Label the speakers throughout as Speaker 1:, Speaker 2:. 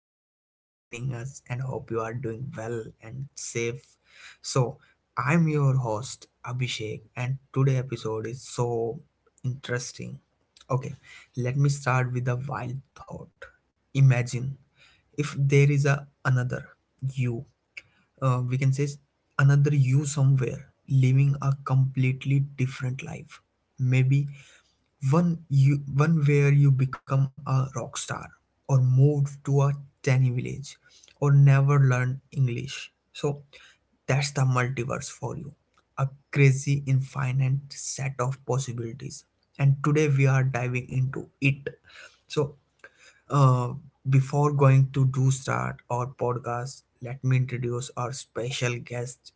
Speaker 1: thank you for joining us. And hope you are doing well and safe. So, I'm your host, Abhishek. And today episode is so interesting. Okay, let me start with a wild thought. Imagine if there is a another you we can say another you somewhere living a completely different life, maybe one you, one where you become a rock star, or moved to a tiny village, or never learned english. So that's the multiverse for you, a crazy infinite set of possibilities, and today we are diving into it. so uh, before going to do start our podcast, let me introduce our special guest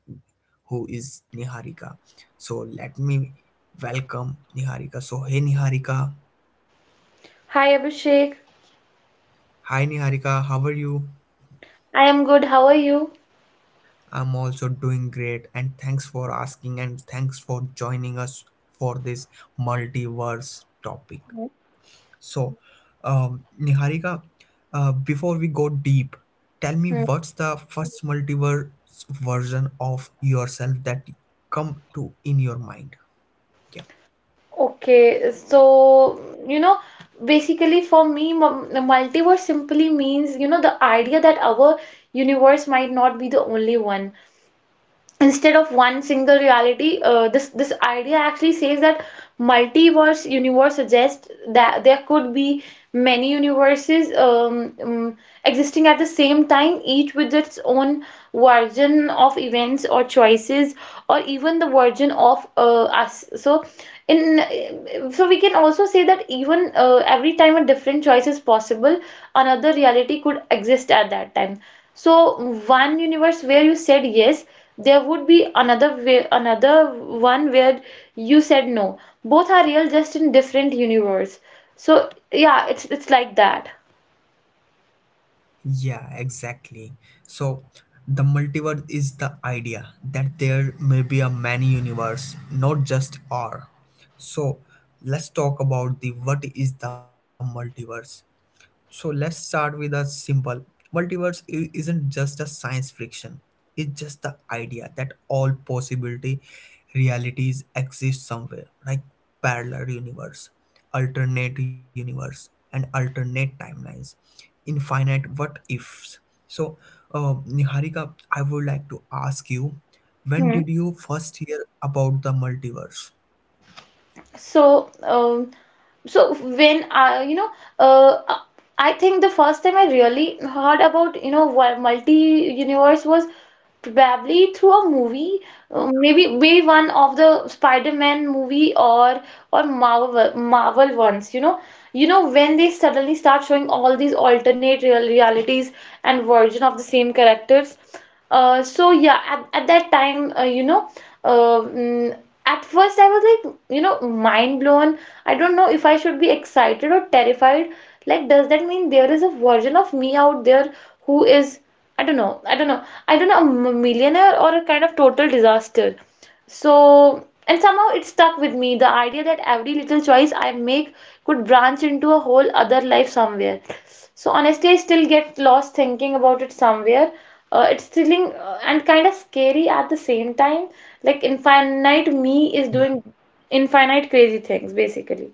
Speaker 1: who is Niharika. So let me welcome Niharika. So hey Niharika.
Speaker 2: Hi Abhishek,
Speaker 1: Hi Niharika, how are you?
Speaker 2: I am good. How are you?
Speaker 1: I'm also doing great, and thanks for asking, and thanks for joining us for this multiverse topic.
Speaker 2: Mhm.
Speaker 1: So, Niharika, before we go deep, tell me
Speaker 2: Hmm.
Speaker 1: what's the first multiverse version of yourself that come to in your mind? Yeah.
Speaker 2: Okay, so you know, basically for me, the multiverse simply means the idea that our universe might not be the only one. Instead of one single reality, this idea actually says that multiverse universe suggests that there could be many universes, um, existing at the same time, each with its own version of events or choices, or even the version of us. So in, so we can also say that, even every time a different choice is possible, another reality could exist at that time. So one universe where you said yes, there would be another way, another one where you said no. Both are real, just in different universe. So yeah, it's like that.
Speaker 1: Yeah, exactly. So the multiverse is the idea that there may be a many universe, not just R. So let's talk about the what is the multiverse. So let's start with a simple. Isn't just a science fiction. It's just the idea that all possibility realities exist somewhere, like parallel universe, alternate universe, and alternate timelines, infinite what ifs. So, uh, Niharika, I would like to ask you, when
Speaker 2: Hmm.
Speaker 1: did you first hear about the multiverse?
Speaker 2: So so when I, uh, I think the first time I really heard about, multi universe was probably through a movie, maybe one of the Spider-Man movie, or Marvel ones. You know, you know, when they suddenly start showing all these alternate realities and version of the same characters. So yeah, at that time, uh, mm, at first I was like, you know, mind blown. I don't know if I should be excited or terrified. Like, does that mean there is a version of me out there who is, I don't know. I don't know. I don't know, a millionaire or a kind of total disaster. So, and somehow it stuck with me, the idea that every little choice I make could branch into a whole other life somewhere. So, honestly, I still get lost thinking about it somewhere. It's thrilling, and kind of scary at the same time. Like, infinite me is doing infinite crazy things, basically.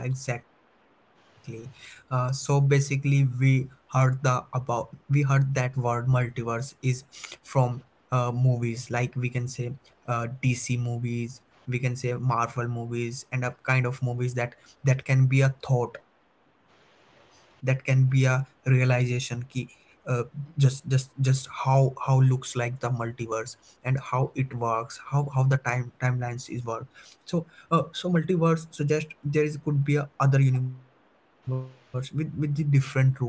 Speaker 1: Yeah, exactly. So basically, we heard that word multiverse is from movies, like we can say DC movies, we can say Marvel movies, and a kind of movies that that can be a thought, that can be a realization key. Uh, just how looks like the multiverse and how it works, how the time timelines is work. So so multiverse suggests there is could be a other universe with the different rules.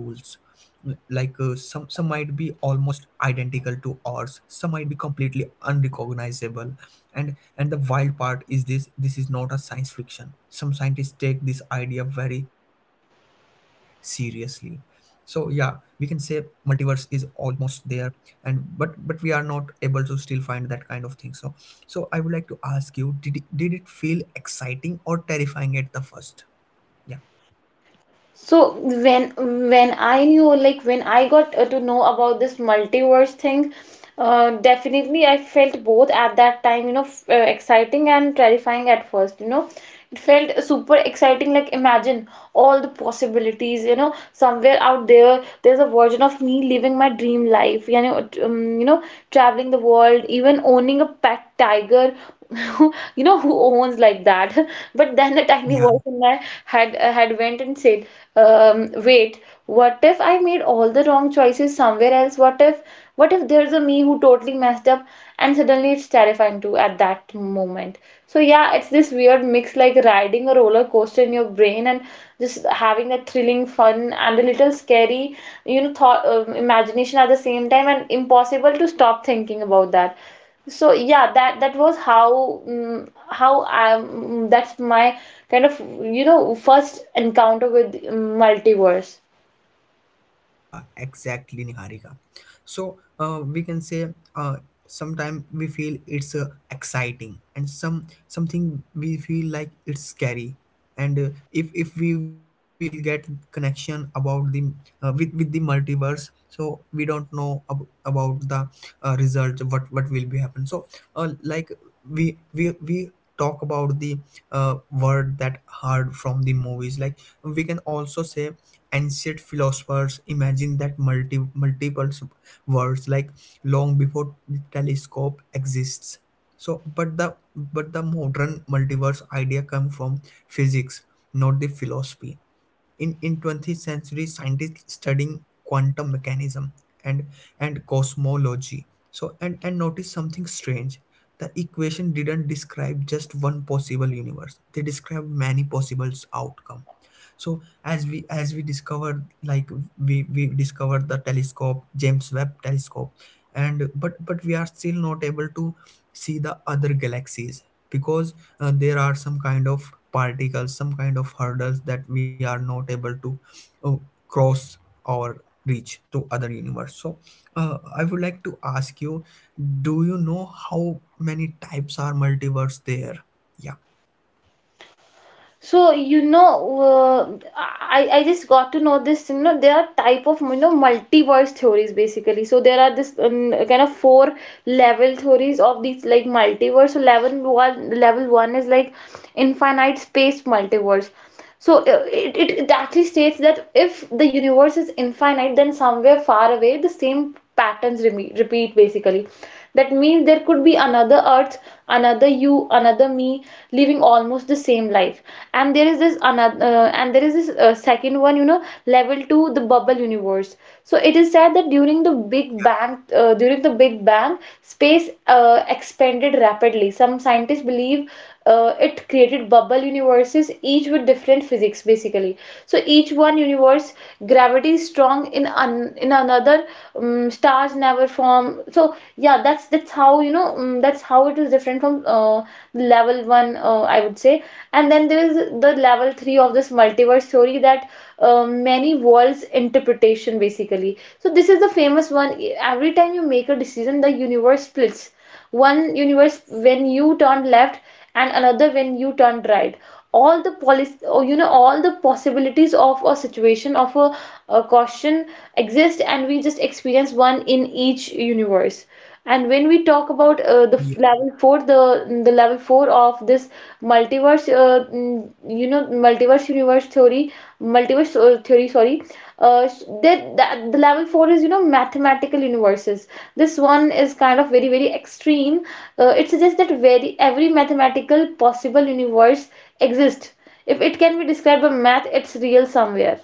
Speaker 1: Like some might be almost identical to ours, some might be completely unrecognizable, and the wild part is this: this is not a science fiction. Some scientists take this idea very seriously. So yeah, we can say multiverse is almost there, and but we are not able to still find that kind of thing. So so I would like to ask you, did it feel exciting or terrifying at the first? Yeah
Speaker 2: So when I knew, like when I got to know about this multiverse thing, definitely I felt both at that time. You know, exciting and terrifying at first, you know. It felt super exciting, like imagine all the possibilities. You know, somewhere out there, there's a version of me living my dream life, you know, traveling the world, even owning a pet tiger, you know, who owns like that. But then a
Speaker 1: yeah.
Speaker 2: tiny voice in my head had went and said, um, wait, what if I made all the wrong choices somewhere else? What if there's a me who totally messed up? And suddenly it's terrifying too at that moment. So yeah, it's this weird mix, like riding a roller coaster in your brain, and just having a thrilling fun and a little scary, you know, thought, imagination at the same time, and impossible to stop thinking about that. So yeah, that was how how I, that's my kind of, you know, first encounter with multiverse.
Speaker 1: Yeah, exactly, Niharika. So we can say sometimes we feel it's exciting, and some something we feel like it's scary. And if we will get connection about the with the multiverse, so we don't know about the result, what will be happen. So like we talk about the word that hard from the movies, like we can also say ancient philosophers imagine that multiple words like long before the telescope exists. So but the modern multiverse idea come from physics, not the philosophy. In 20th century scientists studying quantum mechanism and and cosmology. So and and notice something strange. The equation didn't describe just one possible universe, they described many possible outcomes. So as we discovered, like we discovered the telescope, james webb telescope. And but we are still not able to see the other galaxies because there are some kind of particles, some kind of hurdles that we are not able to uh, cross or reach to other universe. So I would like to ask you, do you know how many types are multiverse there?
Speaker 2: So you know, I just got to know this. You know, there are type of, you know, multiverse theories basically. So there are this, kind of four level theories of these, like multiverse. So level one is like infinite space multiverse. So it actually states that if the universe is infinite, then somewhere far away, the same patterns repeat basically. That means there could be another Earth, another you, another me, living almost the same life. And there is this another, and there is this second one, you know, level two, the bubble universe. So it is said that during the Big Bang, space expanded rapidly. Some scientists believe it created bubble universes, each with different physics basically. So each one universe, gravity is strong in in another. Stars never form. So yeah, that's how, you know, that's how it is different from level one. I would say. And then there is the level three of this multiverse theory, that many worlds interpretation basically. So this is the famous one. Every time you make a decision, the universe splits. One universe when you turn left, and another when you turn right. All the policy, or you know, all the possibilities of a situation of a question exist, and we just experience one in each universe. And when we talk about
Speaker 1: Yeah.
Speaker 2: level 4, the level 4 of this multiverse multiverse, mm, you know, multiverse universe theory, multiverse theory, sorry. That the level four is, you know, mathematical universes. This one is kind of very extreme. It suggests that very every mathematical possible universe exists. If it can be described by math, it's real somewhere.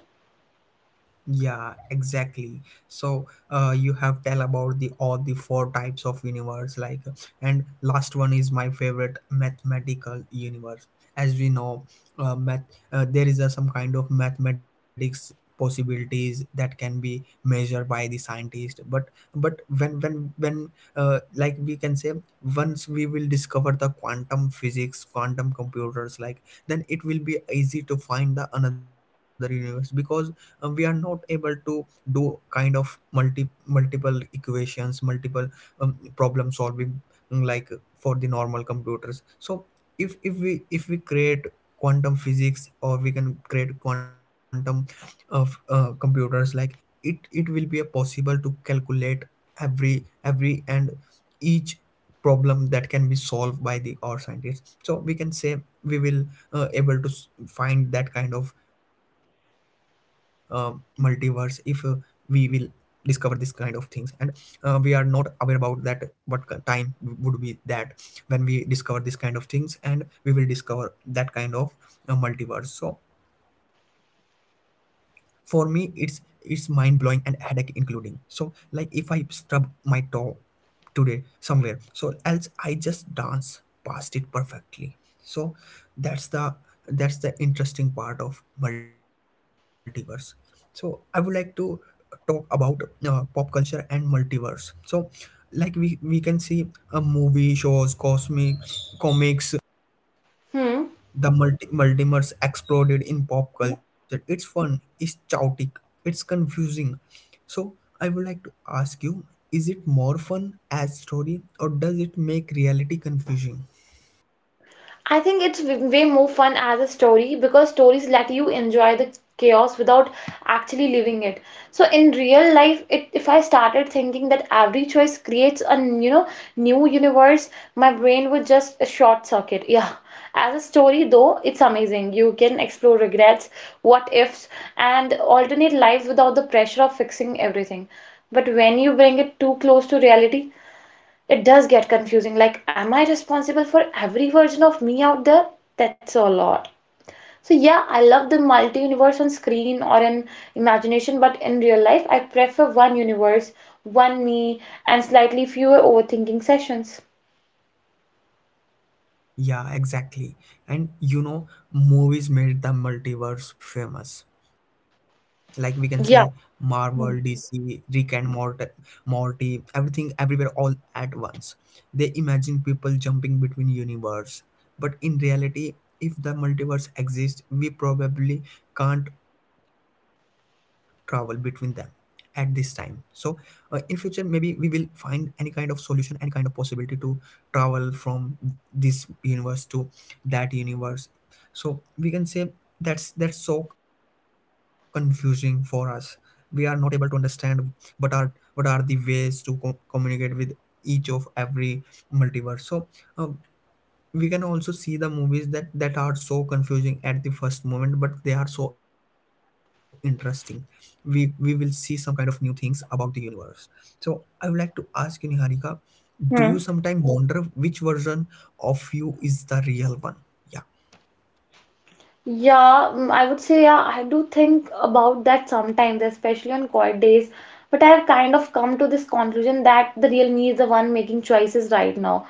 Speaker 1: Yeah, exactly. So you have tell about the all the four types of universe, like, and last one is my favorite, mathematical universe. As we know, math there is a, some kind of mathematics possibilities that can be measured by the scientist. But when like we can say, once we will discover the quantum physics, quantum computers, like, then it will be easy to find the another universe because we are not able to do kind of multiple equations, multiple problem solving, like for the normal computers. So if we create quantum physics, or we can create quantum of computers, like it will be a possible to calculate every and each problem that can be solved by the our scientists. So we can say we will able to find that kind of uh, multiverse if we will discover this kind of things. And we are not aware about that, what time would be that when we discover this kind of things, and we will discover that kind of multiverse. So for me, it's mind blowing and headache including. So like if I stub my toe today, somewhere so else I just dance past it perfectly. So that's the that's the interesting part of multiverse. So I would like to talk about pop culture and multiverse. So like we can see a movie shows, cosmic comics,
Speaker 2: Hmm.
Speaker 1: the multimers exploded in pop culture. It's fun, it's chaotic, it's confusing. So, I would like to ask you, is it more fun as story, or does it make reality confusing?
Speaker 2: I think it's way more fun as a story, because stories let you enjoy the chaos without actually living it. So in real life, it, if I started thinking that every choice creates a you know, new universe, my brain would just a short circuit. Yeah. As a story though, it's amazing. You can explore regrets, what ifs, and alternate lives without the pressure of fixing everything. But when you bring it too close to reality, it does get confusing. Like, am I responsible for every version of me out there? That's a lot. So, yeah, I love the multi universe on screen or in imagination, but in real life, I prefer one universe, one me, and slightly fewer overthinking sessions.
Speaker 1: Yeah, exactly. And you know, movies made the multiverse famous. Like we can say
Speaker 2: Yeah.
Speaker 1: Marvel, DC, Rick and Morty, everything, everywhere, all at once. They imagine people jumping between universe. But in reality, if the multiverse exists, we probably can't travel between them at this time. So in future, maybe we will find any kind of solution, any kind of possibility to travel from this universe to that universe. So we can say that's so confusing for us, we are not able to understand what are what are the ways to communicate with each of every multiverse. So uh, we can also see the movies that that are so confusing at the first moment, but they are so interesting. We will see some kind of new things about the universe. So I would like to ask you, Niharika, do you
Speaker 2: Hmm.
Speaker 1: sometimes wonder which version of you is the real one? Yeah.
Speaker 2: Yeah, I would say, yeah, I do think about that sometimes, especially on quiet days. But I have kind of come to this conclusion that the real me is the one making choices right now.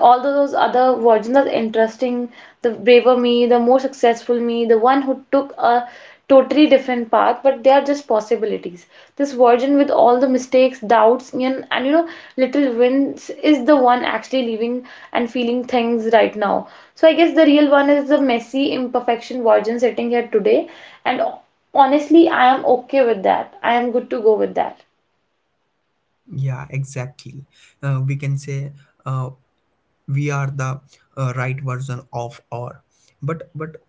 Speaker 2: All those other versions are interesting, the braver me, the more successful me, the one who took a totally different path, but they are just possibilities. This version with all the mistakes, doubts, and, you know, little wins is the one actually living and feeling things right now. So I guess the real one is the messy imperfection version sitting here today, and honestly, I am okay with that. I am good to go with that.
Speaker 1: Yeah, exactly. We can say uh, we are the right version of, or but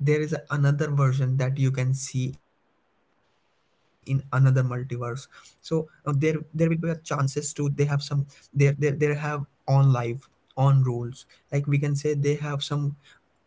Speaker 1: there is another version that you can see in another multiverse. So there will be a chances to, they have some, there they have on life, on rules. Like we can say they have some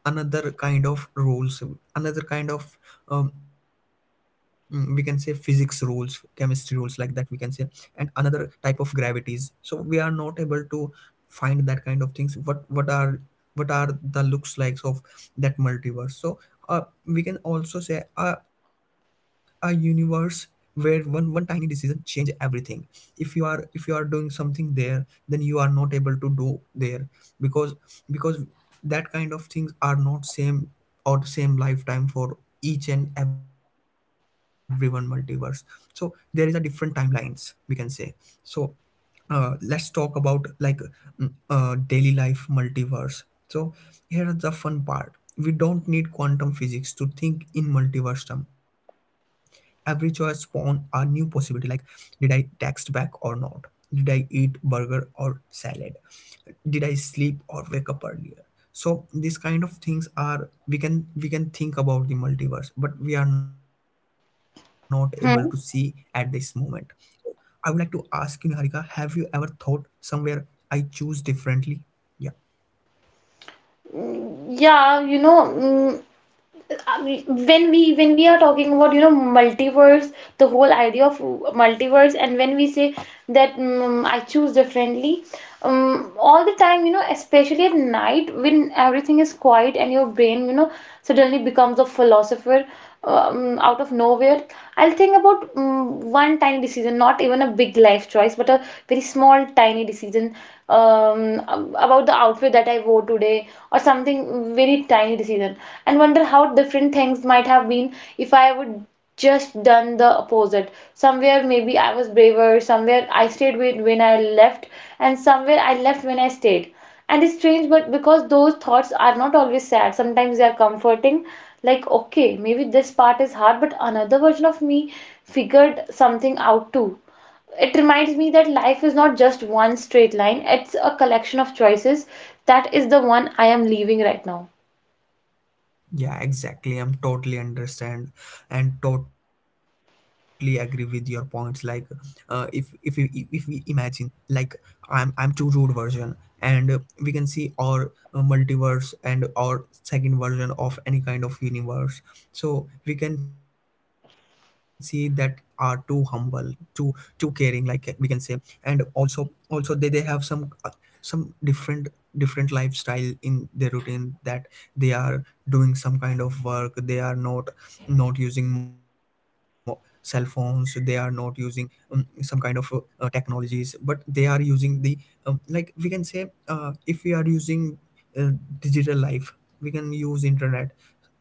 Speaker 1: another kind of rules, another kind of we can say physics rules, chemistry rules, like that, we can say, and another type of gravities. So we are not able to find that kind of things, what are the looks likes of that multiverse. So we can also say a universe where one tiny decision change everything. If you are doing something there, then you are not able to do there because because that kind of things are not same, or same lifetime for each and every one multiverse. So there is a different timelines, we can say. So let's talk about, like, daily life multiverse. So here's the fun part. We don't need quantum physics to think in multiverse term. Every choice spawn a new possibility, like did I text back or not? Did I eat burger or salad? Did I sleep or wake up earlier? So these kind of things are, we can think about the multiverse, but we are not able to see at this
Speaker 2: Hmm.
Speaker 1: moment. I would like to ask you, Niharika, have you ever thought somewhere I choose differently? Yeah.
Speaker 2: Yeah, you know, I mean, when we are talking about, you know, multiverse, the whole idea of multiverse, and when we say that, I choose differently, all the time. You know, especially at night when everything is quiet and your brain, you know, suddenly becomes a philosopher, out of nowhere. I'll think about, one tiny decision, not even a big life choice, but a very small tiny decision, um, about the outfit that I wore today, or something very tiny decision, and wonder how different things might have been if I would just done the opposite. Somewhere maybe I was braver, somewhere I stayed with when I left, and somewhere I left when I stayed. And it's strange, but because those thoughts are not always sad, sometimes they are comforting. Like, okay, maybe this part is hard, but another version of me figured something out too. It reminds me that life is not just one straight line, it's a collection of choices, that is the one I am leaving right now.
Speaker 1: Yeah, exactly. I'm totally understand and totally agree with your points. Like, uh, if if we if we imagine, like, I'm too rude version, and we can see our multiverse and our second version of any kind of universe. So we can see that are too humble, too too caring. Like we can say, and also they have some some different lifestyle in their routine that they are doing some kind of work, they are not using cell phones, they are not using some kind of technologies, but they are using the like we can say, if we are using uh, digital life, we can use internet.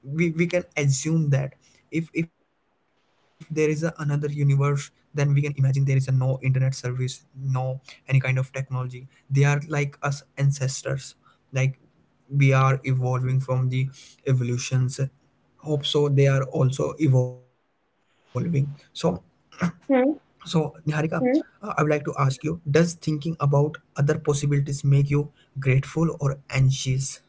Speaker 1: We can assume that if there is another universe, then we can imagine there is a no internet service, no any kind of technology. They are like us ancestors. Like, we are evolving from the evolutions, hope so. They are also evolving. So
Speaker 2: Hmm.
Speaker 1: Niharika, I would like to ask you, does thinking about other possibilities make you grateful or anxious?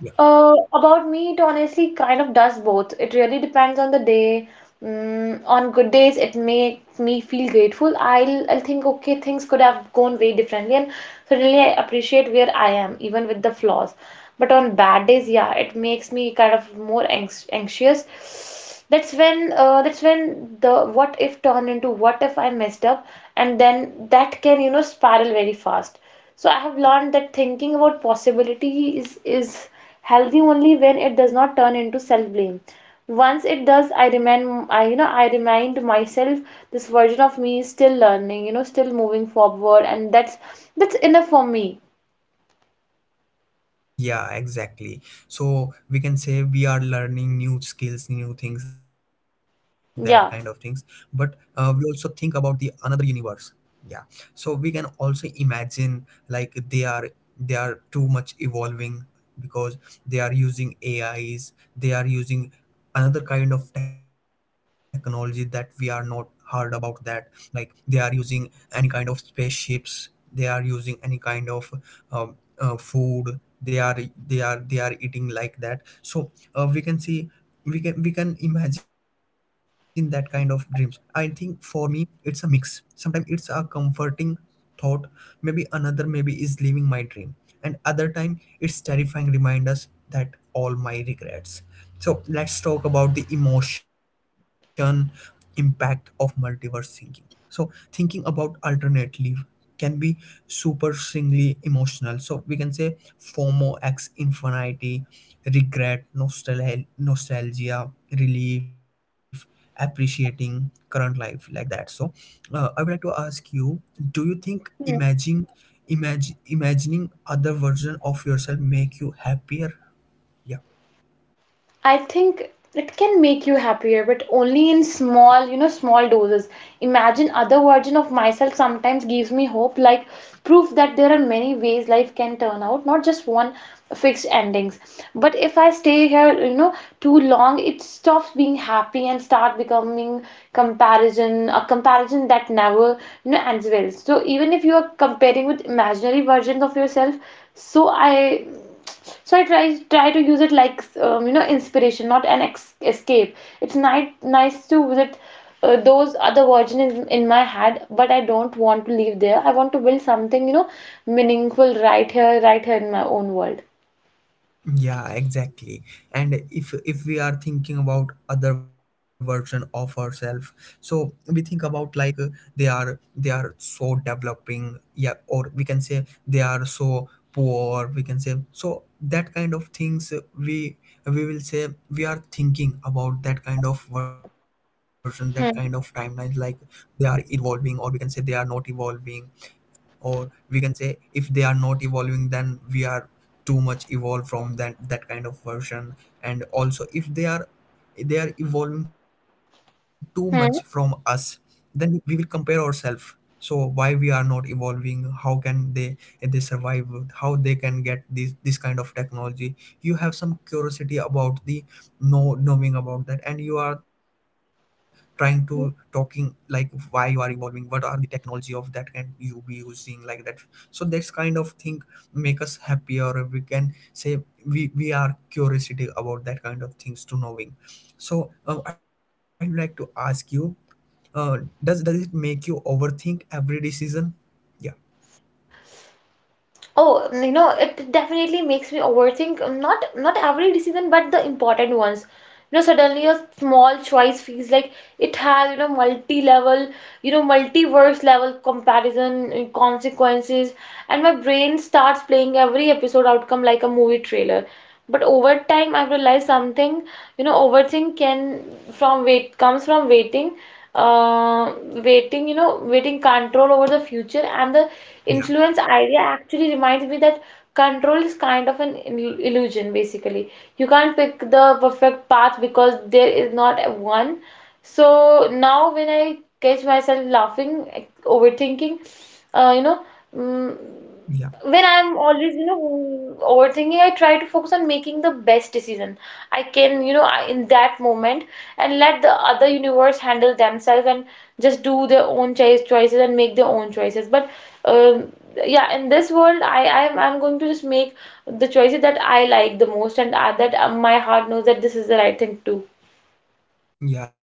Speaker 1: Yeah.
Speaker 2: About me, it honestly kind of does both. It really depends on the day. On good days, it makes me feel grateful. I'll think, okay, things could have gone way differently, and suddenly I appreciate where I am, even with the flaws. But on bad days, yeah, it makes me kind of more anxious. That's when, that's when the what if turned into what if I messed up, and then that can, you know, spiral very fast. So I have learned that thinking about possibility is healthy only when it does not turn into self-blame. Once it does, I, you know, I remind myself, this version of me is still learning, you know, still moving forward, and that's enough for me.
Speaker 1: Yeah, exactly. So we can say we are learning new skills, new things, that kind of things. But
Speaker 2: Yeah.
Speaker 1: we also think about the another universe. Yeah. So we can also imagine like they are too much evolving because they are using ais, they are using another kind of technology that we are not heard about that. Like they are using any kind of spaceships, they are using any kind of um, food they are, they are eating like that. So we can see, we can imagine that kind of dreams. I think for me it's a mix. Sometimes it's a comforting thought, maybe another maybe is living my dream. And other time it's terrifying reminders that all my regrets. So let's talk about the emotion impact of multiverse thinking. So thinking about alternate leave can be supersingly emotional. So we can say FOMO, X infinity, regret, nostalgia, relief, appreciating current life, like that. So I would like to ask you, do you think imagine imagine imagining other version of yourself make you happier? Yeah.
Speaker 2: I think it can make you happier, but only in small, you know, small doses. Imagine other version of myself sometimes gives me hope, like proof that there are many ways life can turn out, not just one fixed endings. But if I stay here, you know, too long, it stops being happy and start becoming comparison, a comparison that never, you know, ends well. So even if you are comparing with imaginary versions of yourself, so I so I try to use it like, you know, inspiration, not an escape. It's nice, nice to visit those other versions in my head, but I don't want to leave there. I want to build something, you know, meaningful, right here, right here in my own world.
Speaker 1: Yeah, exactly. And if we are thinking about other version of ourselves, so we think about like, they are so developing, yeah, or we can say they are so poor, we can say, so that kind of things. We will say we are thinking about that kind of version, that kind of timelines, like they are evolving, or we can say they are not evolving, or we can say if they are not evolving, then we are too much evolved from that kind of version. And also if they are evolving too much from us,
Speaker 2: Hmm.
Speaker 1: then we will compare ourselves. So why we are not evolving, how can they survive, how they can get this kind of technology? You have some curiosity about the knowing about that, and you are trying to talking like why you are evolving, what are the technology of that, can you be using like that? So this kind of thing make us happy, or we can say we are curiosity about that kind of things to knowing. So I'd like to ask you, uh, does it make you overthink every decision? Yeah.
Speaker 2: Oh, you know, it definitely makes me overthink, not every decision, but the important ones. You know, suddenly a small choice feels like it has, you know, multi-level, you know, multiverse level comparison consequences, and my brain starts playing every episode outcome like a movie trailer. But over time, I've realized something. You know, overthink can from wait comes from waiting, uh, waiting, you know, waiting control over the future. And the influence
Speaker 1: Yeah.
Speaker 2: idea actually reminds me that control is kind of an illusion, basically. You can't pick the perfect path because there is not one. So now when I catch myself laughing, overthinking, uh, you know, mm, when
Speaker 1: Yeah.
Speaker 2: I'm always, you know, overthinking, I try to focus on making the best decision I can, you know, I, in that moment, and let the other universe handle themselves and just do their own choices and make their own choices. But um yeah, in this world, I'm going to just make the choices that I like the most, and that my heart knows that this is the right thing to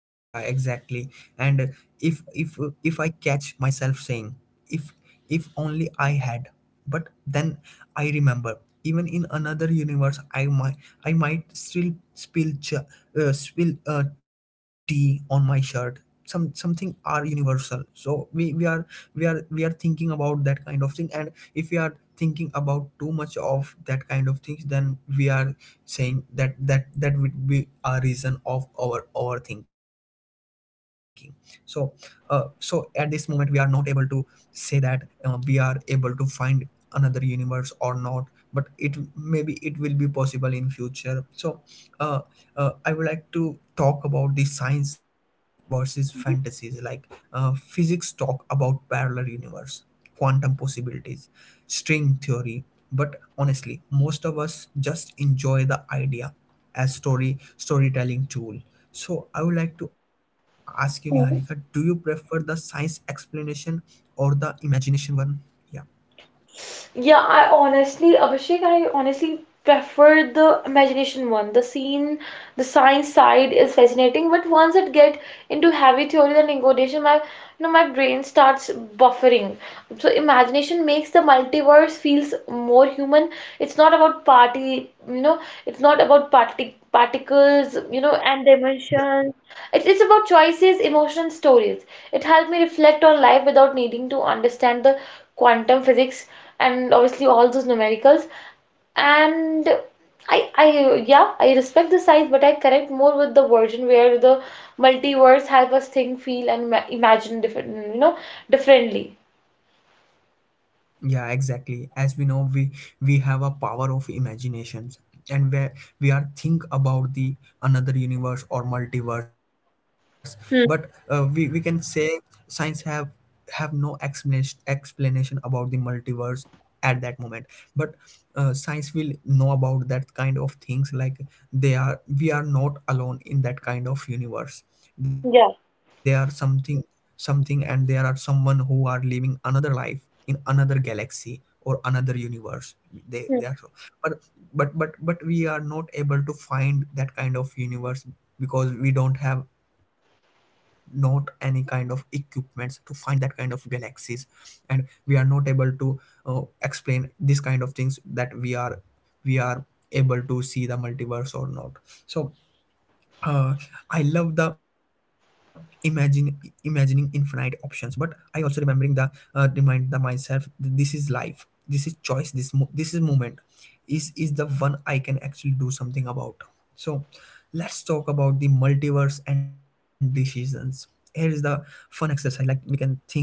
Speaker 1: Yeah, exactly. And if I catch myself saying if if only I had, but then I remember, even in another universe, I might I might still spill tea on my shirt. Some something are universal. So we are thinking about that kind of thing. And if we are thinking about too much of that kind of things, then we are saying that that would be a reason of our overthinking. So so at this
Speaker 2: do.
Speaker 1: moment we are not able to say that we are able to find another universe or not. But it maybe it will be possible in future. So uh, I would like to talk about the science versus fantasies. Like, physics talk about parallel universe, quantum possibilities, string theory, but honestly, most of us just enjoy the idea as storytelling tool. So I would like to ask you, Niharika, do
Speaker 2: Yeah.
Speaker 1: you prefer the science explanation or the imagination one? Yeah.
Speaker 2: Abhishek, I honestly prefer the imagination one. The science side is fascinating, but once it get into heavy theories and negotiation, my brain starts buffering. So imagination makes the multiverse feels more human. It's not about party, you know, it's not about party particles, you know, and dimensions. It's about choices, emotions, stories. It helped me reflect on life without needing to understand the quantum physics and obviously all those numericals. And yeah, I respect the science, but I connect more with the version where the multiverse help us think, feel, and imagine different, you know, differently.
Speaker 1: Yeah, exactly. As we know, we have a power of imaginations, and where we are think about the another universe or multiverse. But we
Speaker 2: Hmm.
Speaker 1: can say science have no explanation about the multiverse at that moment. But science will know about that kind of things. Like they are, we are not alone in that kind of universe. They are
Speaker 2: Yeah.
Speaker 1: something, and there are someone who are living another life in another galaxy or another universe, they are so. But but we are not able to find that kind of universe because we don't have not any kind of equipments to find that kind of galaxies, and we are not able to explain this kind of things that we are able to see the multiverse or not. So uh, I love the imagine imagining infinite options, but I also remembering the remind the myself that this is life, this is choice, this is moment, is the one I can actually do something about. So let's talk about the multiverse and decisions. Here is the fun exercise. Like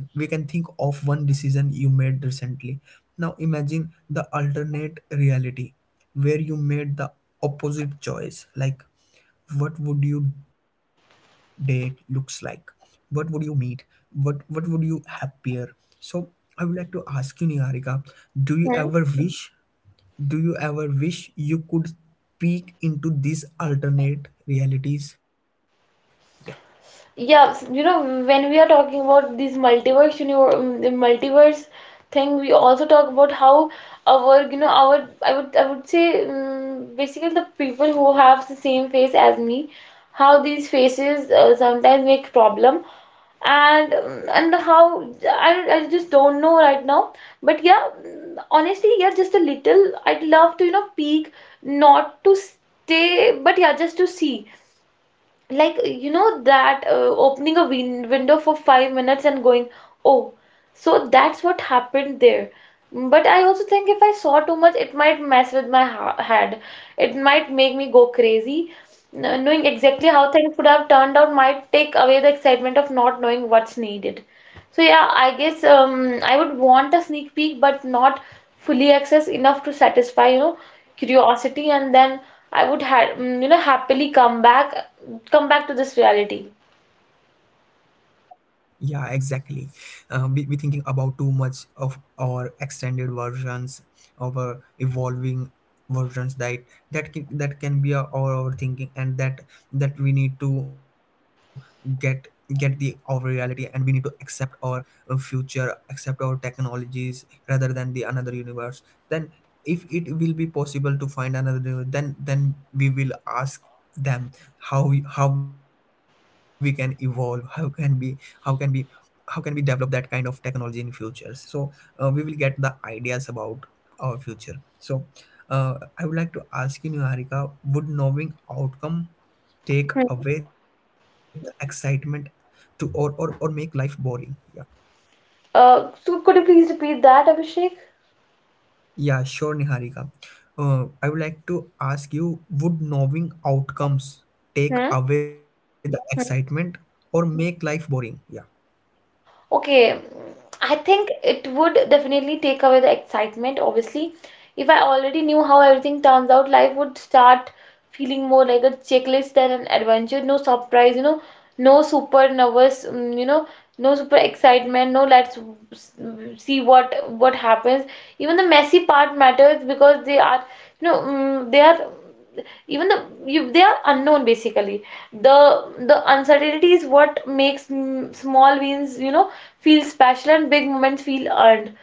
Speaker 1: we can think of one decision you made recently. Now imagine the alternate reality where you made the opposite choice. Like what would your date looks like, what would you meet, what would you appear? So I would like to ask you, Niharika, do you
Speaker 2: Hmm.
Speaker 1: ever wish do you ever wish you could peek into these alternate realities? Yeah.
Speaker 2: You know, when we are talking about these multiverse, you know, the multiverse thing, we also talk about how our, you know, our, I would say, basically the people who have the same face as me, how these faces sometimes make problem, and how I just don't know right now. But yeah, mm, honestly, yeah, just a little. I'd love to, you know, peek, not to stay, but yeah, just to see like, you know, that opening a window for 5 minutes and going, oh, so that's what happened there. But I also think if I saw too much, it might mess with my ha head. It might make me go crazy. Knowing exactly how things would have turned out might take away the excitement of not knowing what's needed. So yeah, I guess I would want a sneak peek, but not fully access enough to satisfy, you know, curiosity, and then I would you know, happily come back to this reality.
Speaker 1: Yeah, exactly. We thinking about too much of our extended versions, of our evolving versions, that that can be our thinking, and that we need to get get the our reality, and we need to accept our future, accept our technologies rather than the another universe. Then, if it will be possible to find another universe, then we will ask them how we, how can we how can we develop that kind of technology in future. So we will get the ideas about our future. So I would like to ask you, Niharika, would knowing outcome take
Speaker 2: Hmm.
Speaker 1: away the excitement to, or make life boring? Yeah.
Speaker 2: So could you please repeat that, Abhishek?
Speaker 1: Yeah, sure, Niharika. I would like to ask you, would knowing outcomes take
Speaker 2: Hmm.
Speaker 1: away the excitement or make life boring?
Speaker 2: Okay, mm, I think it would definitely take away the excitement, obviously. If I already knew how everything turns out, life would start feeling more like a checklist than an adventure. No surprise, you know, no super nervous, mm, you know, no super excitement, no let's w- s- w- see what happens. Even the messy part matters because they are, you know, mm, they are even they are unknown, basically. the
Speaker 1: Yeah. Yeah.
Speaker 2: the uncertainty is what makes, mm, small wins, you know, feel special, and big moments feel earned.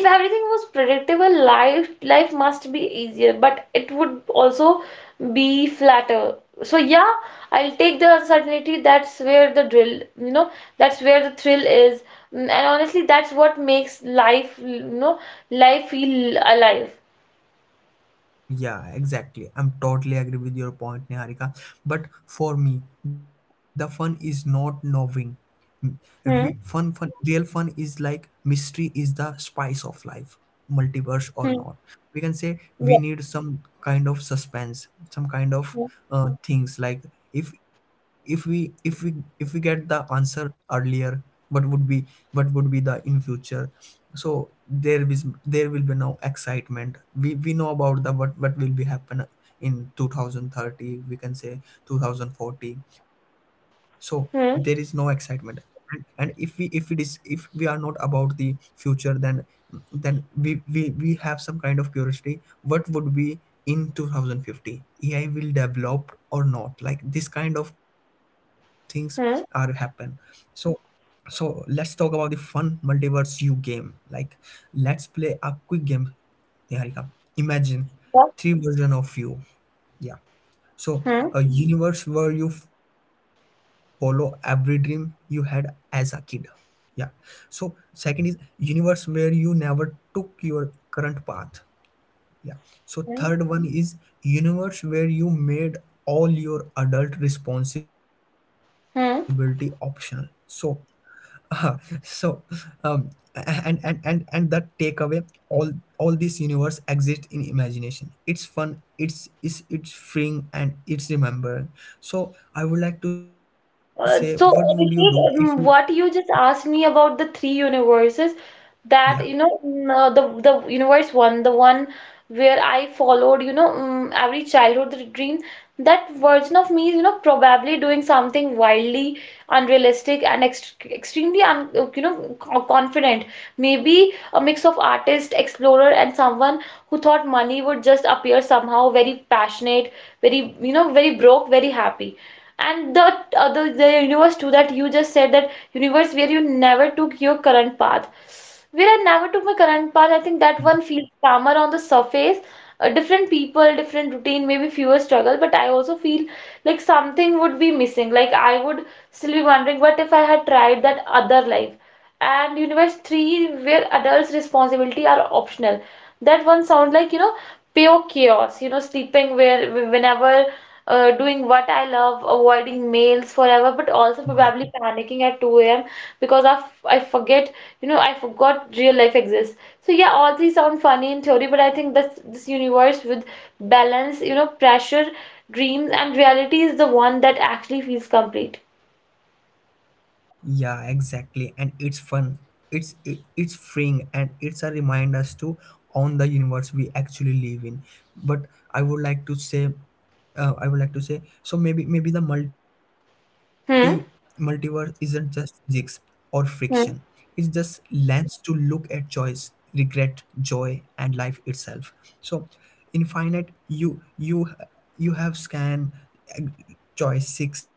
Speaker 2: If everything was predictable, life must be easier, but it would also be flatter. So yeah, I'll take the uncertainty. That's where the drill, you know, that's where the thrill is. Mm, and honestly, that's what makes life you know life feel alive.
Speaker 1: Yeah, exactly. I'm totally agree with your point, Niharika. But for me, the fun is not knowing. Mm,
Speaker 2: Hmm.
Speaker 1: Real fun is like mystery is the spice of life, multiverse or
Speaker 2: Hmm.
Speaker 1: not. We can say we
Speaker 2: Yeah.
Speaker 1: need some kind of suspense, some kind of
Speaker 2: Hmm.
Speaker 1: things. Like if if we if we if we get the answer earlier, what would be the in future? So there will be no excitement, we know about the what will be happen in 2030, we can say 2040. So there is no
Speaker 2: Hmm.
Speaker 1: excitement. And, if we are not about the future, then we have some kind of curiosity what would be in 2050, ai will develop or not, like this kind of things are happen.
Speaker 2: Hmm.
Speaker 1: So let's talk about the fun multiverse you game. Like, let's play a quick game, Niharika. Imagine
Speaker 2: Yeah.
Speaker 1: three version of you. Yeah. So
Speaker 2: Hmm.
Speaker 1: a universe where you follow every dream you had as a kid. Yeah. So second is universe where you never took your current path. Yeah. So
Speaker 2: Hmm.
Speaker 1: third one is universe where you made all your adult responsibility optional.
Speaker 2: Hmm.
Speaker 1: So ah, so um, and that takeaway all all this universe exists in imagination. It's fun, it's freeing, and it's remembering. So I would like to say, what would you do if you,
Speaker 2: Abhishek, what you just asked me about the three universes,
Speaker 1: yeah?
Speaker 2: that, you know, mm, the universe one, the one where I followed, you know, mm, every childhood dream, that version of me is, you know, probably doing something wildly unrealistic and extremely, un you know, co- confident. Maybe a mix of artist, explorer, and someone who thought money would just appear somehow. Very passionate, very, you know, very broke, very happy. And the other, the universe too that you just said, that universe where you never took your current path. Where I never took my current path, I think that
Speaker 1: Yeah.
Speaker 2: one feels calmer on the surface. Different people, different routine, maybe fewer struggle, but I also feel like something would be missing. Like I would still be wondering, what if I had tried that other life? And universe three, where adults' responsibility are optional. That one sound like, you know, pure chaos, you know, sleeping where whenever, doing what I love, avoiding mails forever, but also probably panicking at 2 a.m. because I forget, you know, I forgot real life exists. So yeah, all these sound funny in theory, but I think this universe with balance, you know, pressure, dreams, and reality is the one that actually feels complete.
Speaker 1: Yeah, exactly. And it's fun. It's freeing and it's a reminder us to own the universe we actually live in. But I would like to say so maybe the multiverse
Speaker 2: Hmm.
Speaker 1: isn't just physics or friction. It's just
Speaker 2: Hmm.
Speaker 1: lens to look at choice, regret, joy, and life itself. So, infinite, you have scan uh, choice sixth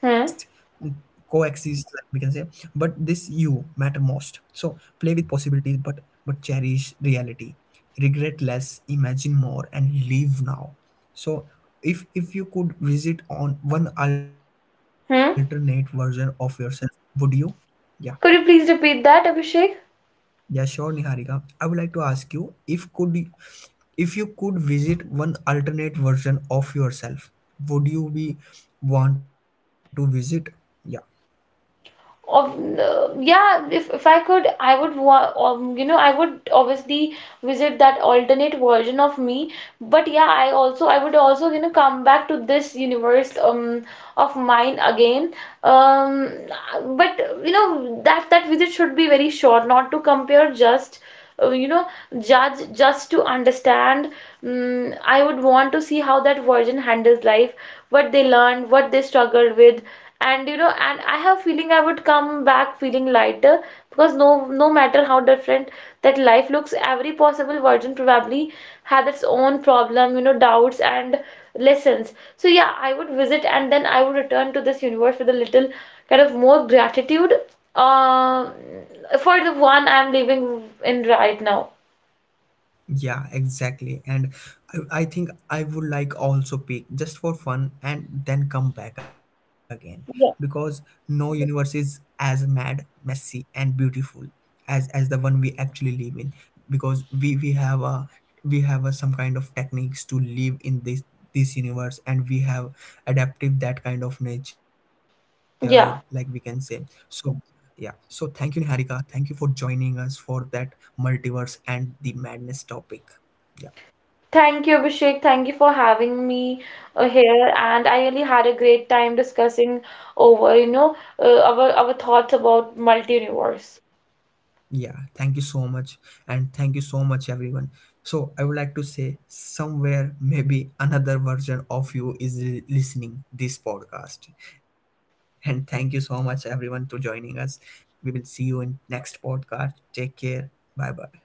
Speaker 2: Hmm.
Speaker 1: coexist, like we can say, but this you matter most. So play with possibilities, but cherish reality. Regret less, imagine more, and live now. So if you could visit on one alternate version
Speaker 2: Hmm.
Speaker 1: of yourself, would you? Yeah.
Speaker 2: Could you please repeat that, Abhishek?
Speaker 1: Yeah, sure, Niharika. I would like to ask you, if you could visit one alternate version of yourself, would you be want to visit? Yeah.
Speaker 2: Of Yeah, if I could, I would you know, I would obviously visit that alternate version of me. But yeah, I also, I would also, you know, come back to this universe of mine again. Um, but you know, that visit should be very short, not to compare, just uh, you know just to understand. Mm, I would want to see how that virgin handles life, what they learned, what they struggled with, and you know, and I have feeling I would come back feeling lighter, because no, no matter how different that life looks, every possible virgin probably had its own problem, you know, doubts and lessons. So yeah, I would visit and then I would return to this universe with a little kind of more gratitude um for the one I'm living in right now.
Speaker 1: Yeah, exactly. And I think I would like also pick just for fun and then come back again because
Speaker 2: Yeah.
Speaker 1: no universe is as mad, messy, and beautiful as the one we actually live in, because we have a some kind of techniques to live in this universe, and we have adaptive that kind of nature, like we can say.
Speaker 2: Yeah.
Speaker 1: So yeah. So thank you, Niharika. Thank you for joining us for that multiverse and the madness topic. Yeah.
Speaker 2: Thank you, Abhishek. Thank you for having me here, and I really had a great time discussing over, you know, our thoughts about multi-universe.
Speaker 1: Yeah. Thank you so much. And thank you so much, everyone. So I would like to say somewhere maybe another version of you is listening this podcast. And thank you so much everyone to joining us. We will see you in next podcast. Take care. Bye bye.